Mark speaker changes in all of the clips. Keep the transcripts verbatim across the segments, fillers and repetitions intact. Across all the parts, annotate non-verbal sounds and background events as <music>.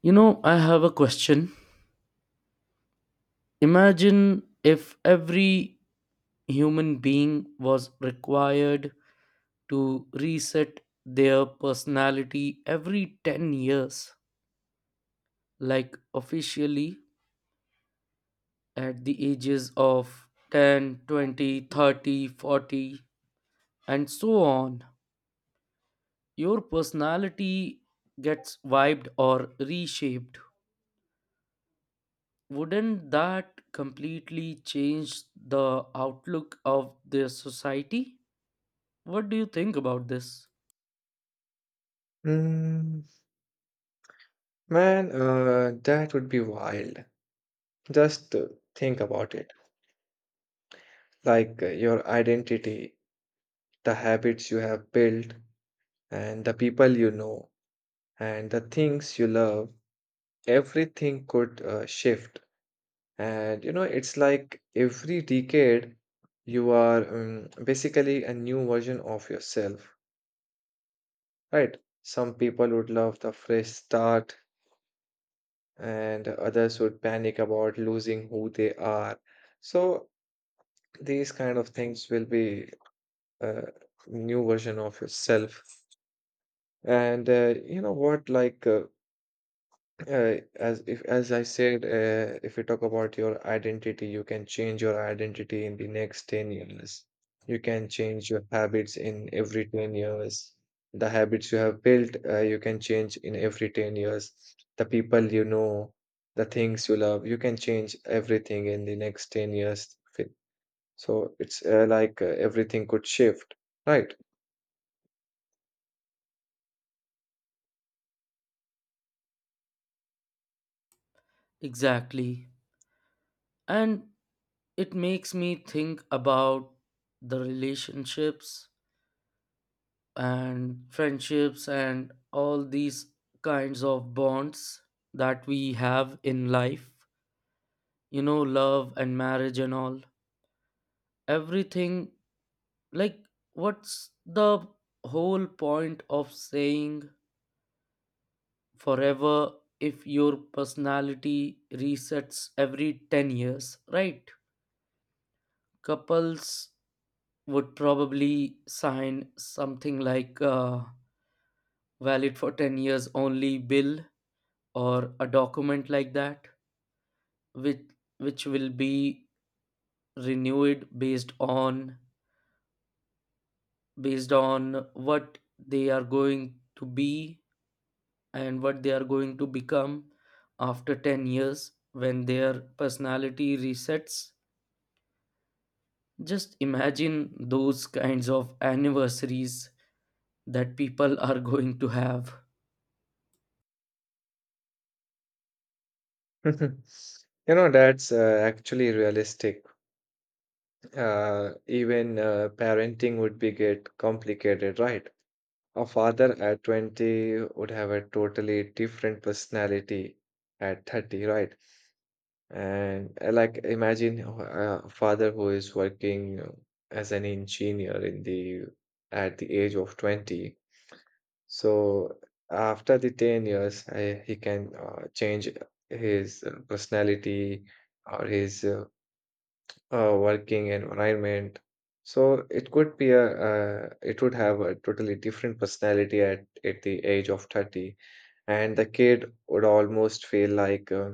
Speaker 1: You know, I have a question. Imagine if every human being was required to reset their personality every ten years, like officially at the ages of ten, twenty, thirty, forty, and so on. Your personality gets wiped or reshaped. Wouldn't that completely change the outlook of their society? What do you think about this?
Speaker 2: Mm, Man, uh, that would be wild. Just uh, think about it. Like, uh, your identity, the habits you have built, and the people you know, and the things you love, everything could uh, shift. And you know, it's like every decade you are um, basically a new version of yourself, right? Some people would love the fresh start, and others would panic about losing who they are. So, these kind of things will be a new version of yourself. And uh, you know what like uh, uh, as if as i said uh, if we talk about your identity, you can change your identity in the next ten years. You can change your habits in every ten years. The habits you have built, uh, you can change in every ten years. The people you know, the things you love, you can change everything in the next ten years. So it's uh, like uh, everything could shift, right?
Speaker 1: Exactly. And it makes me think about the relationships and friendships and all these kinds of bonds that we have in life. You know, love and marriage and all. Everything, like, what's the whole point of saying forever if your personality resets every ten years, right? Couples would probably sign something like uh, valid for ten years only bill or a document like that which which will be renewed based on based on what they are going to be and what they are going to become after ten years when their personality resets. Just imagine those kinds of anniversaries that people are going to have.
Speaker 2: <laughs> You know, that's uh, actually realistic. Uh, even uh, parenting would be get complicated, right? A father at twenty would have a totally different personality at thirty, right? And uh, like imagine uh, a father who is working as an engineer in the at the age of twenty. So after the ten years, I, he can uh, change his uh, personality or his uh, uh, working environment. So it could be a, uh, it would have a totally different personality at, at the age of thirty. And the kid would almost feel like, uh,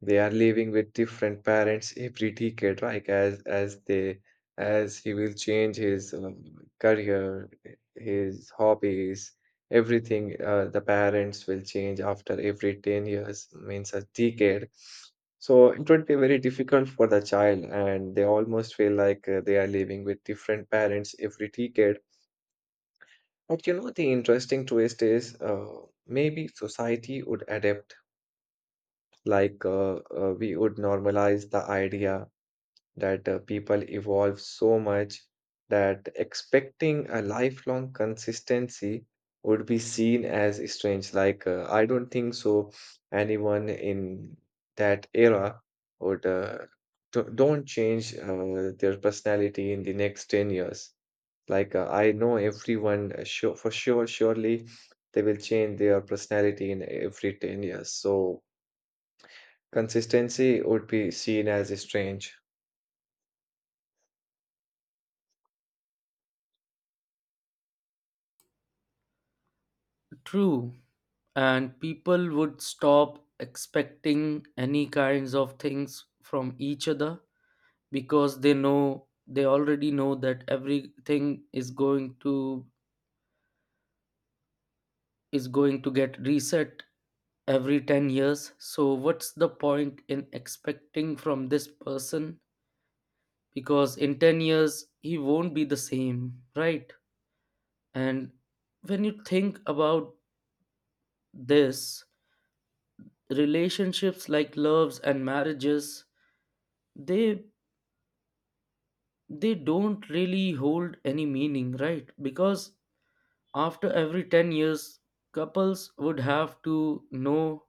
Speaker 2: they are living with different parents every decade, like as as they as he will change his um, career, his hobbies, everything. Uh, the parents will change after every ten years, means a decade. So it would be very difficult for the child, and they almost feel like, uh, they are living with different parents every decade. But you know, the interesting twist is, uh, maybe society would adapt. Like, uh, uh, we would normalize the idea that, uh, people evolve so much that expecting a lifelong consistency would be seen as strange. Like, uh, I don't think so. Anyone in that era would uh, do- don't change uh, their personality in the next ten years. Like, uh, I know everyone, uh, sure, for sure, surely they will change their personality in every ten years. So consistency would be seen as strange.
Speaker 1: True. And people would stop expecting any kinds of things from each other because they know they already know that everything is going to is going to get reset every ten years, so what's the point in expecting from this person because in ten years he won't be the same, right? And when you think about this, relationships like loves and marriages, they they don't really hold any meaning, right? Because after every ten years, couples would have to know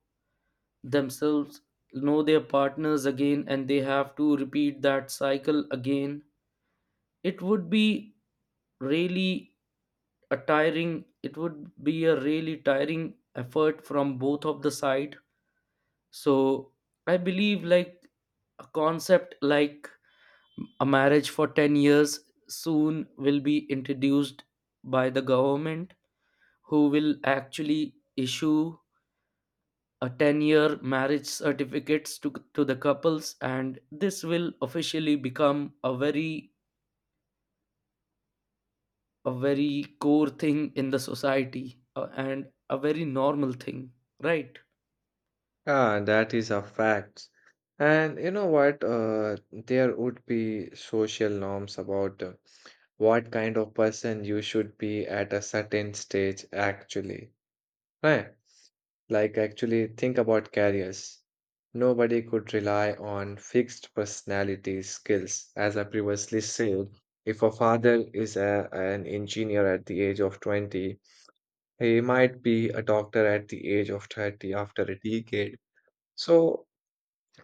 Speaker 1: themselves, know their partners again, and they have to repeat that cycle again. It would be really a tiring it would be a really tiring effort from both of the side. So I believe like a concept like a marriage for ten years soon will be introduced by the government who will actually issue a ten year marriage certificates to, to the couples, and this will officially become a very a very core thing in the society uh, and a very normal thing, right?
Speaker 2: Ah, that is a fact. And you know what? Uh, there would be social norms about, uh, what kind of person you should be at a certain stage, actually. Right? Like, actually, think about careers. Nobody could rely on fixed personality skills. As I previously said, if a father is a, an engineer at the age of twenty, he might be a doctor at the age of thirty after a decade. So,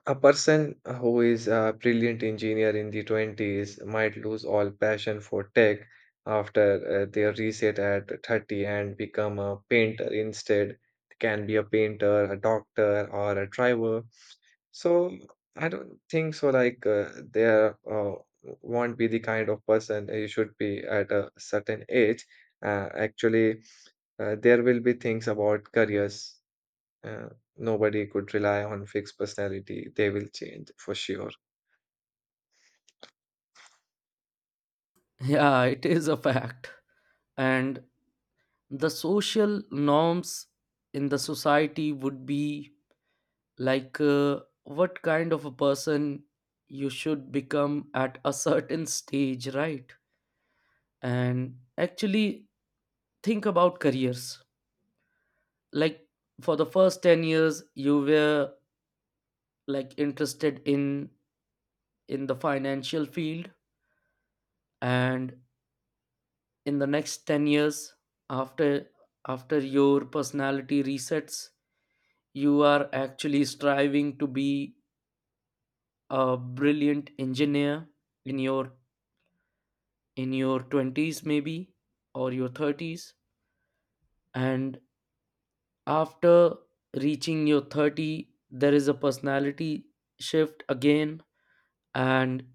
Speaker 2: a person who is a brilliant engineer in the twenties might lose all passion for tech after uh, their reset at thirty and become a painter instead. Can be a painter, a doctor, or a driver. So, I don't think so. Like, uh, there uh, won't be the kind of person you should be at a certain age. Uh, actually, uh, there will be things about careers. Uh, Nobody could rely on fixed personality. They will change for sure.
Speaker 1: <laughs> Yeah, it is a fact. And the social norms in the society would be like uh, what kind of a person you should become at a <laughs> certain stage, right? And actually think about careers, like for the first ten years you were like interested in in the financial field, and in the next ten years after after your personality resets you are actually striving to be a brilliant engineer in your in your twenties maybe, or your thirties. And after reaching your thirty there is a personality shift again, and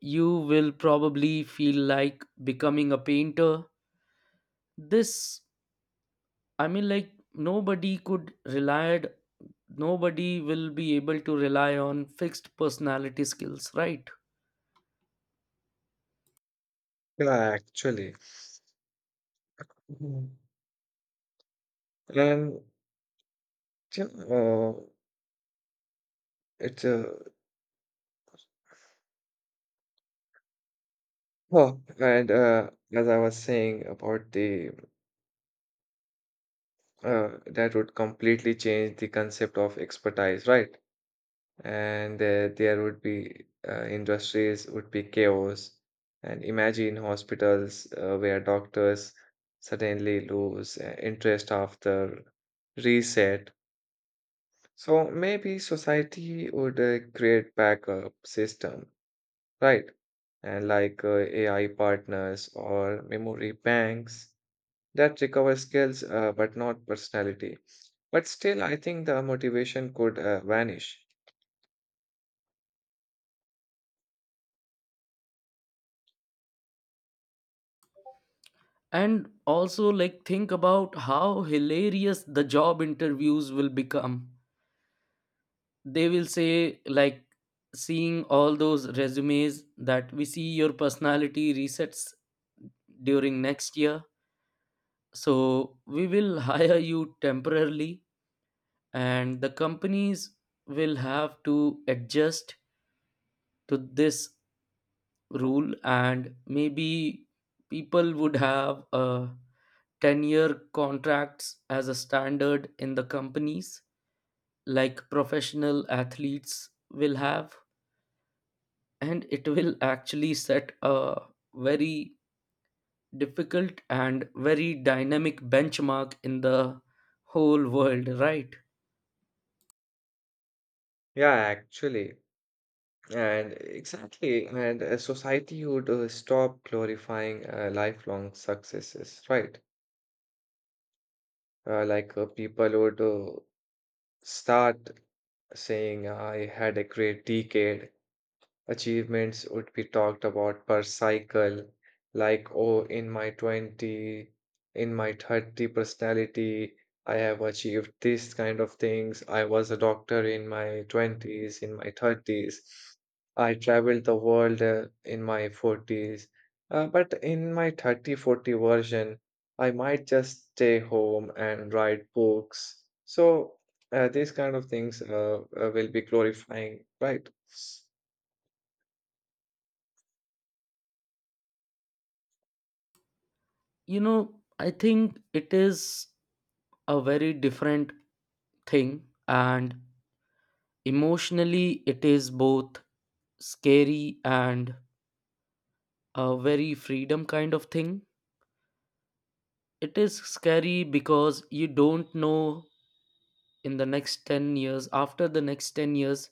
Speaker 1: you will probably feel like becoming a painter. This, I mean, like nobody could rely nobody will be able to rely on fixed personality skills, right?
Speaker 2: Yeah, actually. Mhm. And you know, uh, it's uh, oh, and uh, as I was saying about the uh, that would completely change the concept of expertise, right? and uh, there would be uh, industries would be chaos. And imagine hospitals, uh, where doctors suddenly lose uh, interest after reset. So maybe society would uh, create backup system, right? And like, uh, A I partners or memory banks that recover skills, uh, but not personality. But still I think the motivation could uh, vanish.
Speaker 1: And also like think about how hilarious the job interviews will become. They will say like, seeing all those resumes that we see your personality resets during next year, so we will <laughs> hire you temporarily. And the companies will have to adjust to this rule, and maybe people would have a ten year contracts as a standard in the companies like professional athletes will have. And it will actually set a very difficult and very dynamic benchmark in the whole world, right?
Speaker 2: Yeah, actually. And exactly, and uh, society would uh, stop glorifying uh, lifelong successes, right? Uh, like, uh, people would uh, start saying, "I had a great decade." Achievements would be talked about per cycle, like, oh, in my twenty, in my thirty personality, I have achieved this kind of things. I was a doctor in my twenties. In my thirties, I traveled the world, uh, in my forties. Uh, but in my thirty forty version, I might just stay home and write books. So uh, these kind of things uh, uh, will be glorifying, right?
Speaker 1: You know, I think it is a very different thing, and emotionally it is both scary and a very freedom kind of thing. It is scary because you don't know in the next ten years after the next ten years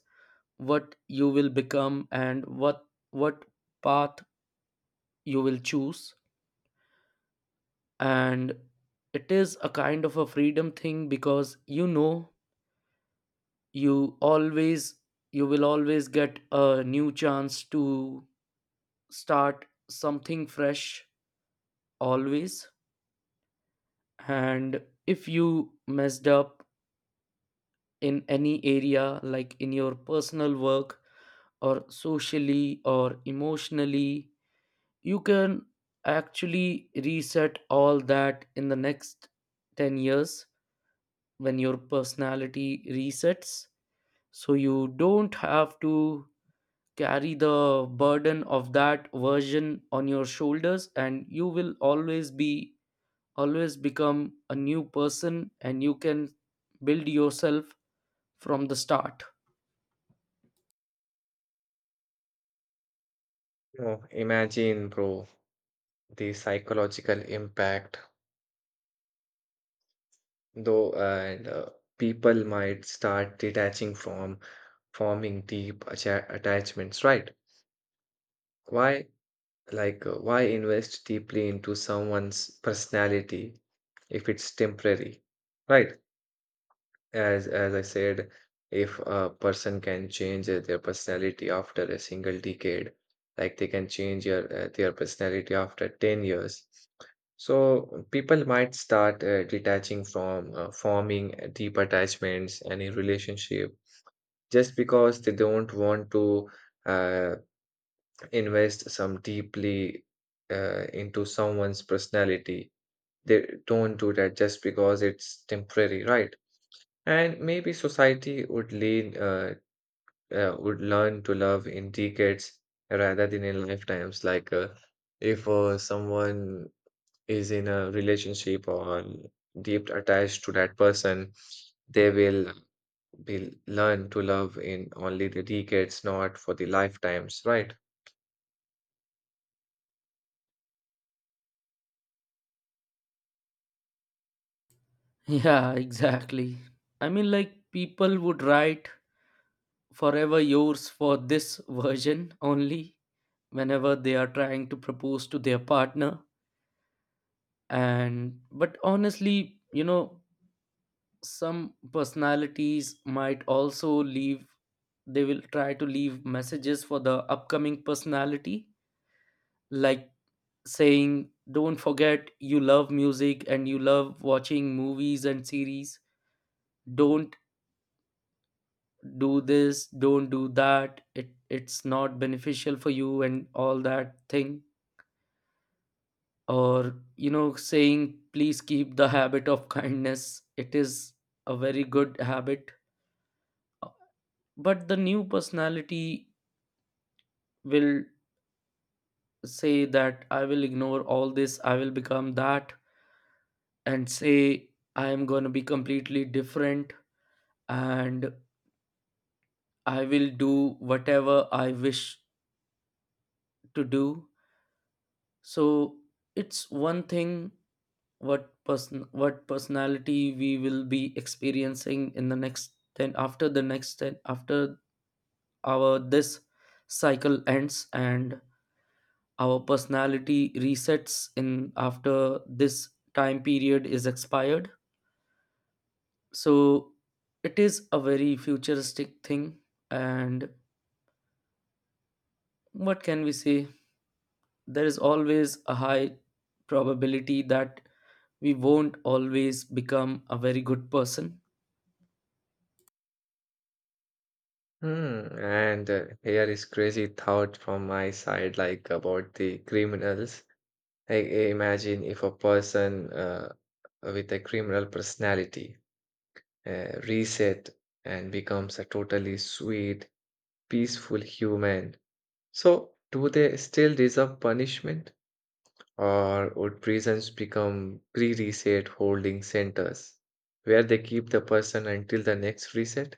Speaker 1: what you will become, and what what path you will choose. And it is a kind of a freedom thing because you know, you always you will always get a new chance to start something fresh always. And if you messed up in any area like in your personal work or socially or emotionally, you can actually reset all that in the next ten years when your personality resets. So you don't have to carry the burden of that version on your shoulders, and you will always be always become a new person, and you can build yourself from the start.
Speaker 2: Oh, imagine, bro, the psychological impact, though, and uh, people might start detaching from forming deep atta- attachments, right? Why, like, uh, why invest deeply into someone's personality if it's temporary, right? As as I said, if a person can change uh, their personality after a single decade, like they can change your, uh, their personality after ten years. So people might start uh, detaching from, uh, forming uh, deep attachments and a relationship just because they don't want to, uh, invest some deeply, uh, into someone's personality. They don't do that just because it's temporary, right? And maybe society would lean, uh, uh, would learn to love in decades rather than in lifetimes. Like, uh, if, uh, someone is in a relationship or deep attached to that person, they will be learn to love in only the decades, not for the lifetimes, right?
Speaker 1: <laughs> Yeah, exactly. I mean, like, people would write forever yours for this version only whenever they are trying to propose to their partner. And but honestly, you know, some personalities might also leave. They will try to leave messages for the upcoming personality, like saying, don't forget you love music and you love watching movies and series. Don't do this, don't do that, it it's not beneficial for you and all that thing. Or you know, saying please keep the habit of kindness, it is a very good habit. But the new personality will say that I will ignore all this, I will become that, and say I am going to be completely different, and I will do whatever I wish to do. So it's one thing, what person what personality we will be experiencing in the next ten after the next ten after our this cycle ends, and our personality resets in after this time period is expired. So it is a very futuristic thing. And what can we say, there is always a high probability that we won't always become a very good person.
Speaker 2: Hmm. And uh, Here is crazy thought from my side, like about the criminals. I I imagine if a person, uh, with a criminal personality, uh, reset and becomes a totally sweet, peaceful human. So, do they still deserve punishment, or would prisons become pre-reset holding centers where they keep the person until the next reset?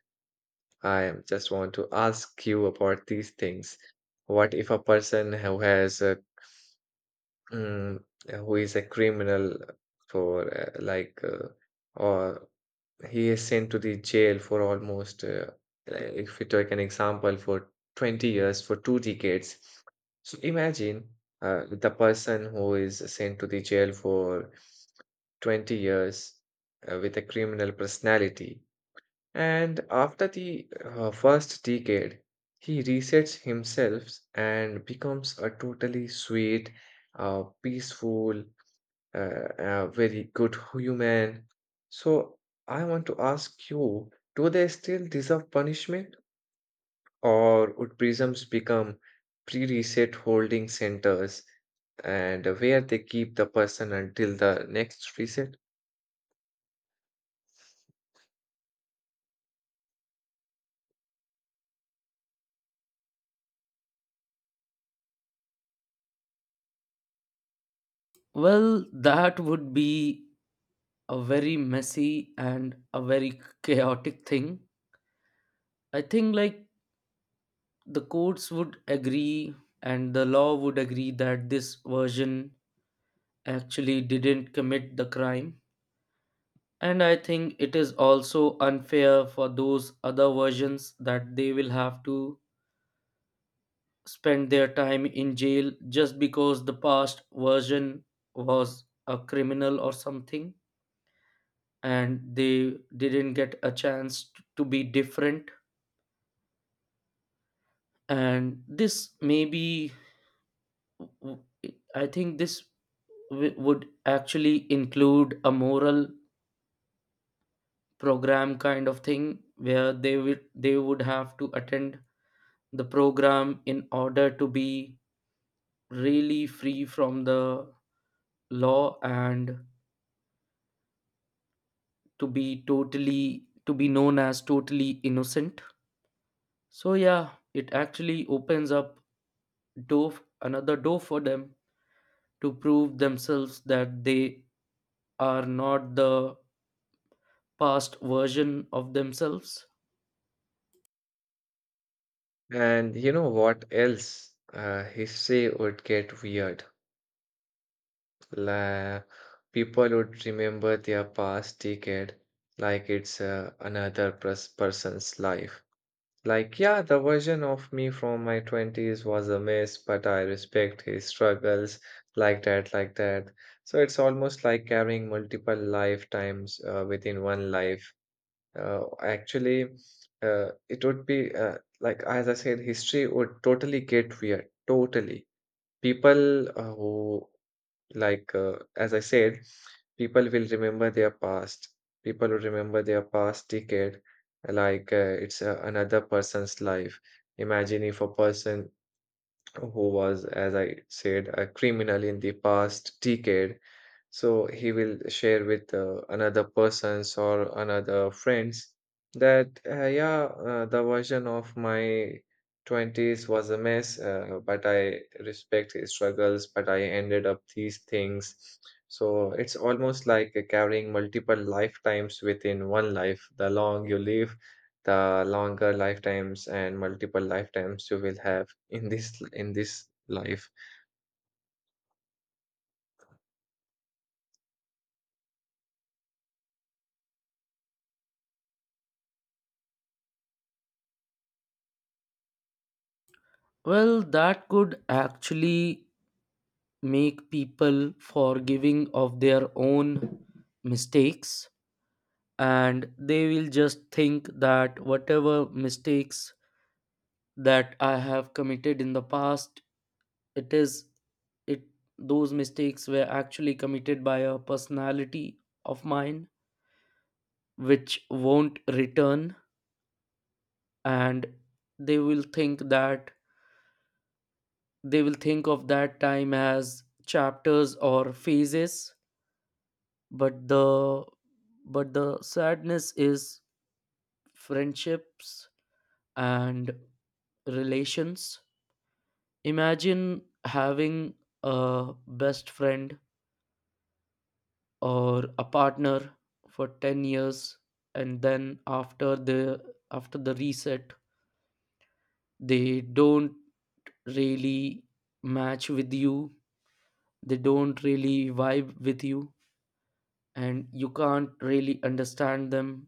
Speaker 2: I am- Just want to ask you about these things. What if a person who has, uh, Mm, who is a criminal for, uh, like uh, or he is sent to the jail for almost, uh, like, if we take an example, for twenty years, for two decades. So imagine, uh, the person who is sent to the jail for twenty years, uh, with a criminal personality. And after the, uh, first decade, he resets himself and becomes a totally sweet, uh, peaceful, uh, a very good human. So I want to ask you, do they still deserve punishment, or would prisons become pre-reset holding centers and where they keep the person until the next reset?
Speaker 1: Well, that would be a very messy and a very chaotic thing. I think like the courts would agree and the law would agree that this version actually didn't commit the crime. And I think it is also unfair for those other versions that they will have to spend their time in jail just because the past version was a criminal or something, and they didn't get a chance t- to be different. And this maybe w- I think this w- would actually include a moral program kind of thing where they would they would have to attend the program in order to be really free from the law and to be totally to be known as totally innocent. So yeah, it actually opens up door another door for them to prove themselves that they are not the past version of themselves.
Speaker 2: And you know what else? Uh, history would get weird. La People would remember their past decade like it's, uh, another pers- person's life. Like, yeah, the version of me from my twenties was a mess, but I respect his struggles, like that, like that. So it's almost like carrying multiple lifetimes, uh, within one life. Uh, actually, uh, it would be, uh, like, as I said, history would totally get weird, totally. People, uh, who, like, uh, as I said, people will remember their past. People will remember their past decade like, uh, it's, uh, another person's life. Imagine if a person who was, as I said, a criminal in the past decade. So he will share with, uh, another persons or another friends that, uh, yeah, uh, the version of my twenties was a mess, uh, but I respect his struggles, but I ended up these things. So it's almost like, uh, carrying multiple lifetimes within one life. The long you live, the longer lifetimes and multiple lifetimes you will have in this in this life.
Speaker 1: Well, that could actually make people forgiving of their own mistakes, and they will just think that whatever mistakes that I have committed in the past, it is it those mistakes were actually committed by a personality of mine which won't return. And they will think that they will think of that time as chapters or phases. But the but the sadness is friendships and relations. Imagine having a best friend or a partner for ten years, and then after the after the reset they don't really match with you, they don't really vibe with you, and you can't really understand them.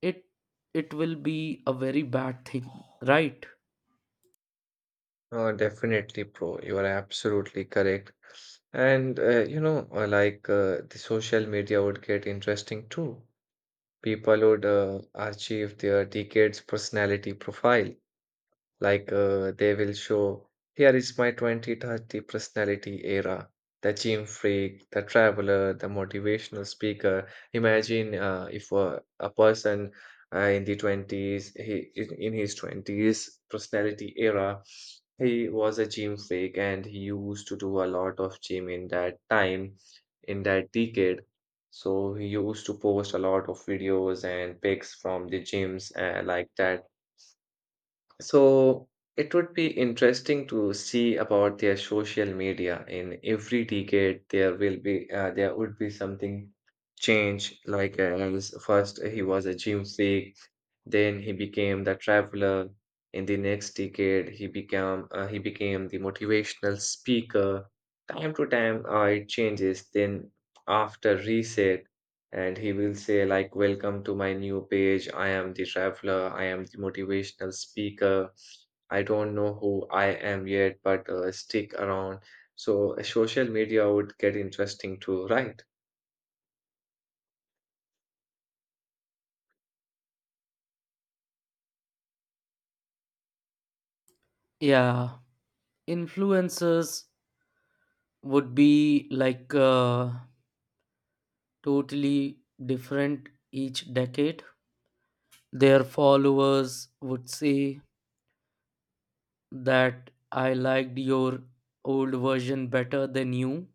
Speaker 1: It it will be a very bad thing, right?
Speaker 2: Uh, definitely, bro. You are absolutely correct. And uh, you know, uh, like, uh, the social media would get interesting too. People would uh, achieve their decades personality profile. Like, uh, they will show, here is my twenty thirty personality era, the gym freak, the traveler, the motivational speaker. Imagine, uh, if, uh, a person, uh, in the twenties, he, in in his twenties personality era, he was a gym freak and he used to do a lot of gym in that time, in that decade. So he used to post a lot of videos and pics from the gyms, uh, like that. So it would be interesting to see about their social media. In every decade, there will be uh, there would be something change. Like, uh, as first he was a gym freak, then he became the traveler. In the next decade, he became uh, he became the motivational speaker. Time to time, uh, it changes. Then after reset, and he will say, like, "Welcome to my new page. I am the traveler, I am the motivational speaker. I don't know who I am yet, but uh, stick around." So uh, social media would get interesting too, <laughs> right?
Speaker 1: Yeah, influencers would be like uh, totally different each decade. Their followers would say that I liked your old version better than you,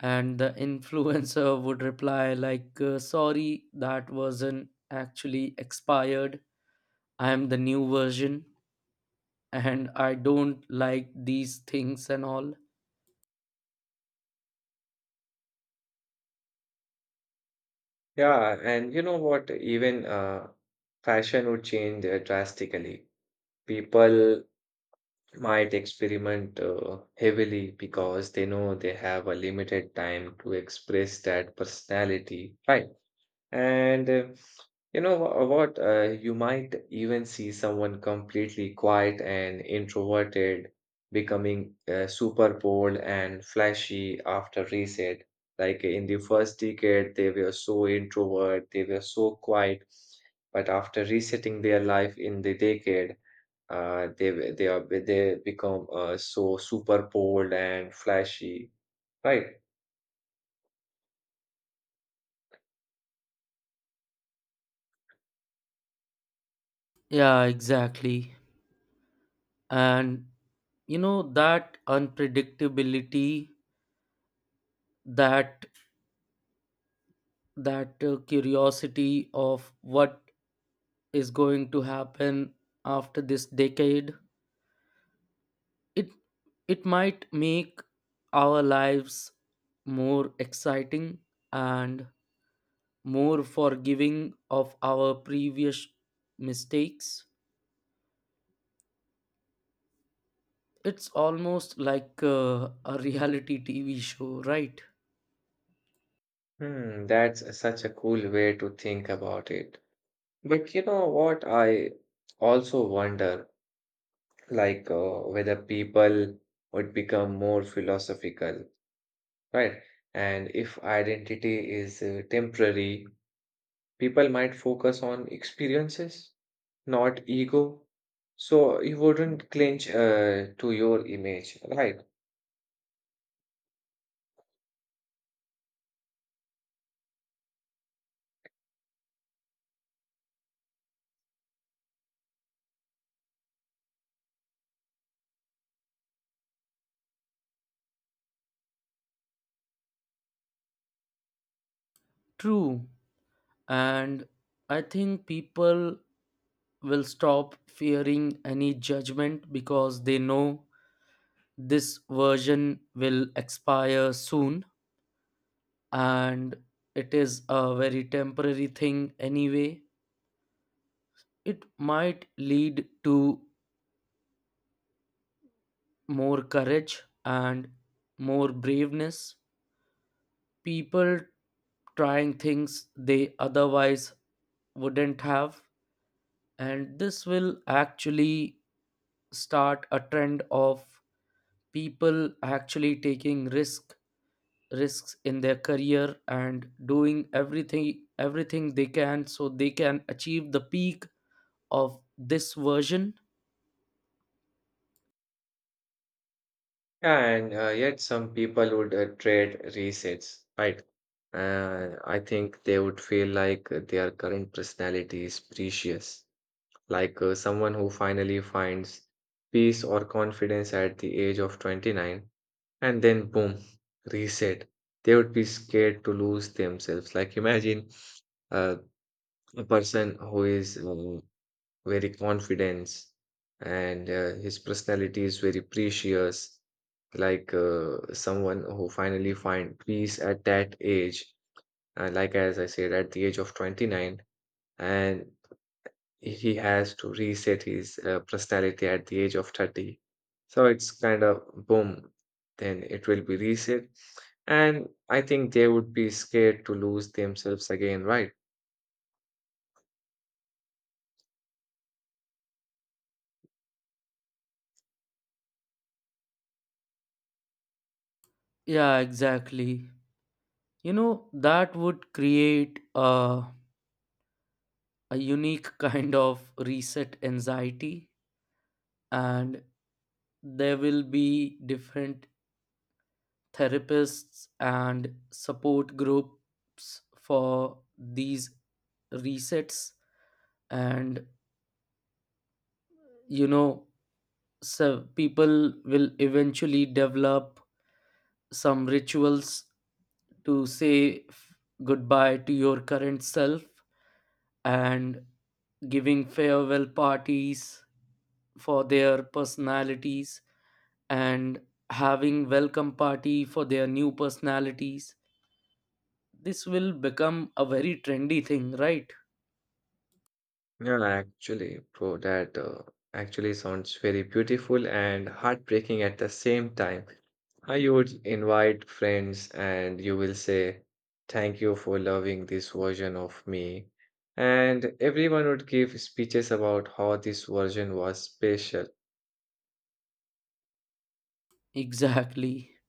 Speaker 1: and the influencer <laughs> would reply like uh, sorry that wasn't actually expired, I am the new version, and I don't like these things and all.
Speaker 2: Yeah, and you know what, even uh, fashion would change, uh, drastically. People might experiment uh, heavily because they know they have a limited time to express that personality, right? And uh, you know, wha- what? Uh, you might even see someone completely quiet and introverted becoming uh, super bold and flashy after reset. Like in the first decade, they were so introvert, they were so quiet. But after resetting their life in the decade, uh, they were- they are they become uh, so super bold and flashy, right?
Speaker 1: Yeah, exactly. And you know that unpredictability, that that uh, curiosity of what is going to happen after this decade, it it might make our lives more exciting and more forgiving of our previous mistakes. It's almost like uh, a reality T V show, right?
Speaker 2: Hmm, that's such a cool way to think about it. But you know what? I also wonder, like, uh, whether people would become more philosophical, right? And if identity is, uh, temporary, people might focus on experiences, not ego. So you wouldn't clinch, uh, to your image, right?
Speaker 1: True. And I think people will stop fearing any judgment because they know this version will expire soon, and it is a very temporary thing anyway. It might lead to more courage and more braveness, people trying things they otherwise wouldn't have. And this will actually start a trend of people actually taking risk risks in their career and doing everything everything they can so they can achieve the peak of this version.
Speaker 2: And uh, yet, some people would uh, trade resets, right? Uh, I think they would feel like their current personality is precious, like, uh, someone who finally finds peace or confidence at the age of twenty-nine, and then boom, reset. They would be scared to lose themselves. Like imagine, uh, a person who is, um, very confident, and uh, his personality is very precious, like, uh, someone who finally find peace at that age, uh, like as I said, at the age of twenty-nine. And he has to reset his, uh, personality at the age of thirty. So it's kind of boom, then it will be reset. And I think they would be scared to lose themselves again, right?
Speaker 1: Yeah, exactly. You know that would create a, a unique <laughs> kind of reset anxiety, and there will be different therapists and support groups for these resets. And you know, so people will eventually develop some rituals to say f- goodbye to your current self, and giving farewell parties for their personalities and having welcome party for their new personalities. This will become a very trendy thing, right?
Speaker 2: Yeah, actually, bro, that uh, actually sounds very beautiful and heartbreaking at the same time. Uh, You would invite friends and you will say, "Thank you for loving this version of me." And everyone would give speeches about how this version was special.
Speaker 1: <laughs> Exactly.